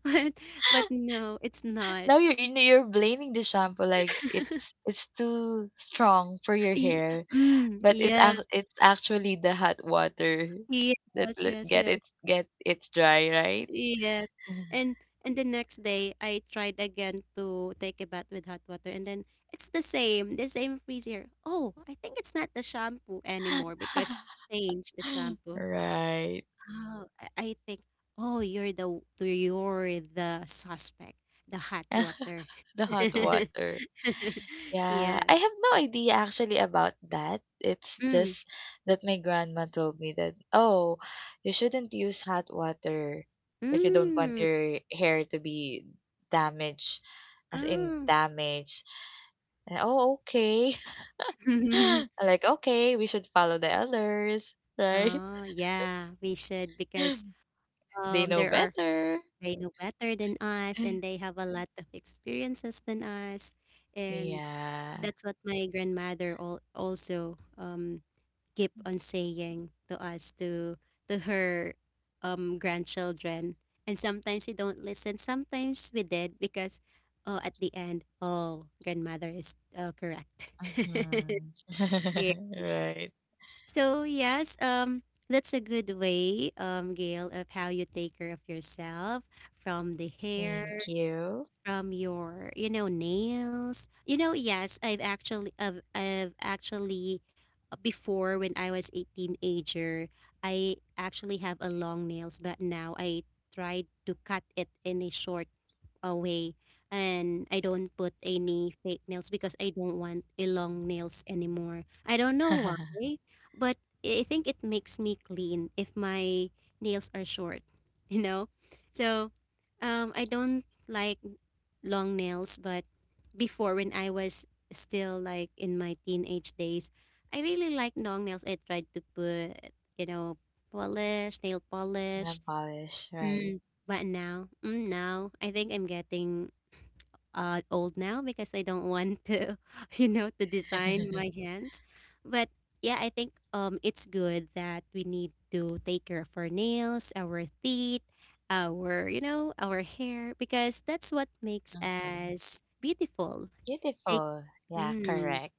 But but no, it's not. Now you're blaming the shampoo like it's it's too strong for your Y- hair, Mm, but yes. It's actually the hot water that Yes, let- yes, get it yes. get it's dry, right? Yes. And and the next day I tried again to take a bath with hot water, and then it's the same freezer. Oh, I think it's not the shampoo anymore because change the shampoo. Right. Oh, I think, oh, you're the suspect, the hot water. The hot water. Yeah, I Yes. have no idea actually about that. It's Mm. just that my grandma told me that, oh, you shouldn't use hot water if you don't want Mm. your hair to be damaged, as in Ah. damaged. And, oh, okay. I'm like, okay, we should follow the elders, right? Oh, yeah, we should because They know there are, better. they know better than us, and they have a lot of experiences than us, and Yeah. that's what my grandmother also keep on saying to us, to her grandchildren. And sometimes we don't listen, sometimes we did, because oh, at the end, oh, grandmother is correct. Hmm. Yeah. Right. So yes, that's a good way, Gail, of how you take care of yourself, from the hair, Thank you. from your, you know, nails, you know. Yes, I've actually, before when I was a teenager, I actually have a long nails, but now I tried to cut it in a short, way, and I don't put any fake nails because I don't want a long nails anymore. I don't know why, but I think it makes me clean if my nails are short. You know. So I don't like long nails, but before when I was still like in my teenage days, I really liked long nails. I tried to put, you know, polish, nail Nail polish. polish, right. Mm, but now, mm, now I think I'm getting old now because I don't want to, you know, to design my hands. But yeah, I think it's good that we need to take care of our nails, our teeth, our, you know, our hair, because that's what makes Mhm. us beautiful. Take, Beautiful. Yeah, mm, correct.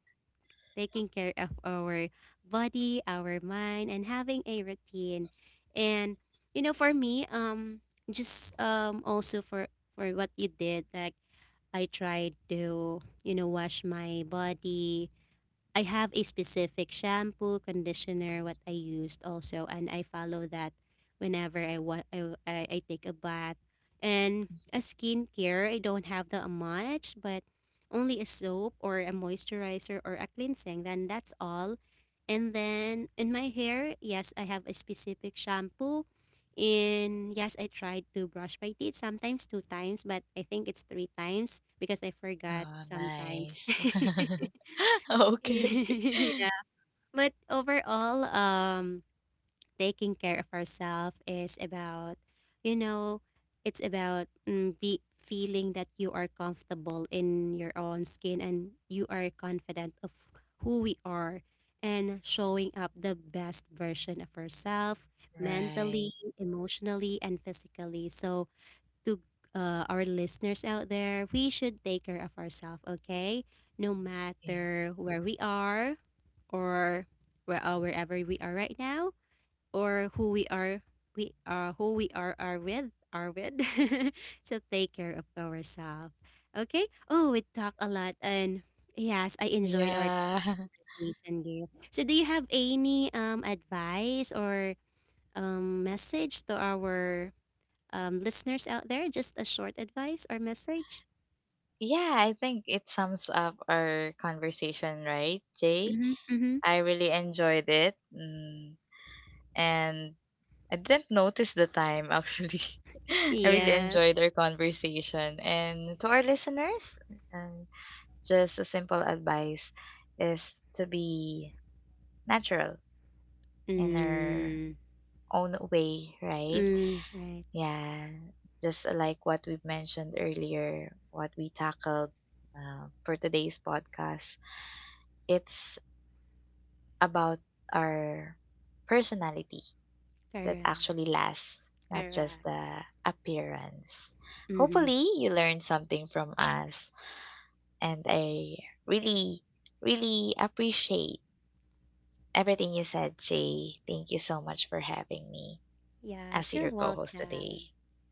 taking care of our body, our mind, and having a routine. And, you know, for me, just also for what you did, like I tried to, you know, wash my body. I have a specific shampoo, conditioner, what I used also, and I follow that whenever I want. I take a bath. And a skincare, I don't have that much, but only a soap or a moisturizer or a cleansing. Then that's all. And then in my hair, yes, I have a specific shampoo. And yes, I tried to brush my teeth sometimes two times, but I think it's three times because I forgot Oh, sometimes. nice. Okay. Yeah. But overall, taking care of ourselves is about, you know, it's about be feeling that you are comfortable in your own skin, and you are confident of who we are, and showing up the best version of ourselves mentally, Right. emotionally, and physically. So, to our listeners out there, we should take care of ourselves, okay? No Yeah. matter where we are, or where, wherever we are right now, or who we are, we are who we are, are with so take care of ourselves, okay. Oh, we talked a lot, and yes, I enjoyed our Yeah. conversation, Gail. So do you have any advice or message to our listeners out there? Just a short advice or message? Yeah, I think it sums up our conversation, right, Jay? Mm-hmm, mm-hmm. I really enjoyed it. Mm. And I didn't notice the time, actually. I really Yes. enjoyed our conversation. And to our listeners, um, just a simple advice is to be natural in our Mm, own way, right? mm, right. Yeah, just like what we've mentioned earlier, what we tackled for today's podcast, it's about our personality that Correct. actually lasts, not Correct. just the appearance. Mm-hmm. Hopefully, you learned something from us, and I really, really appreciate everything you said, Jay. Thank you so much for having me as Yes, your you're co host today. welcome.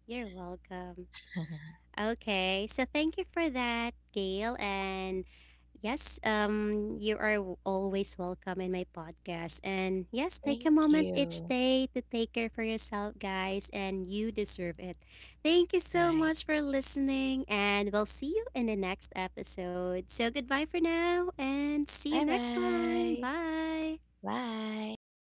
You're welcome. Okay, so thank you for that, Gail. And yes, you are always welcome in my podcast. And yes, take a Thank moment each you. day to take care for yourself, guys, and you deserve it. Thank you so Right. much for listening, and we'll see you in the next episode. So goodbye for now, and see you next time. Bye-bye. Bye. Bye. Bye.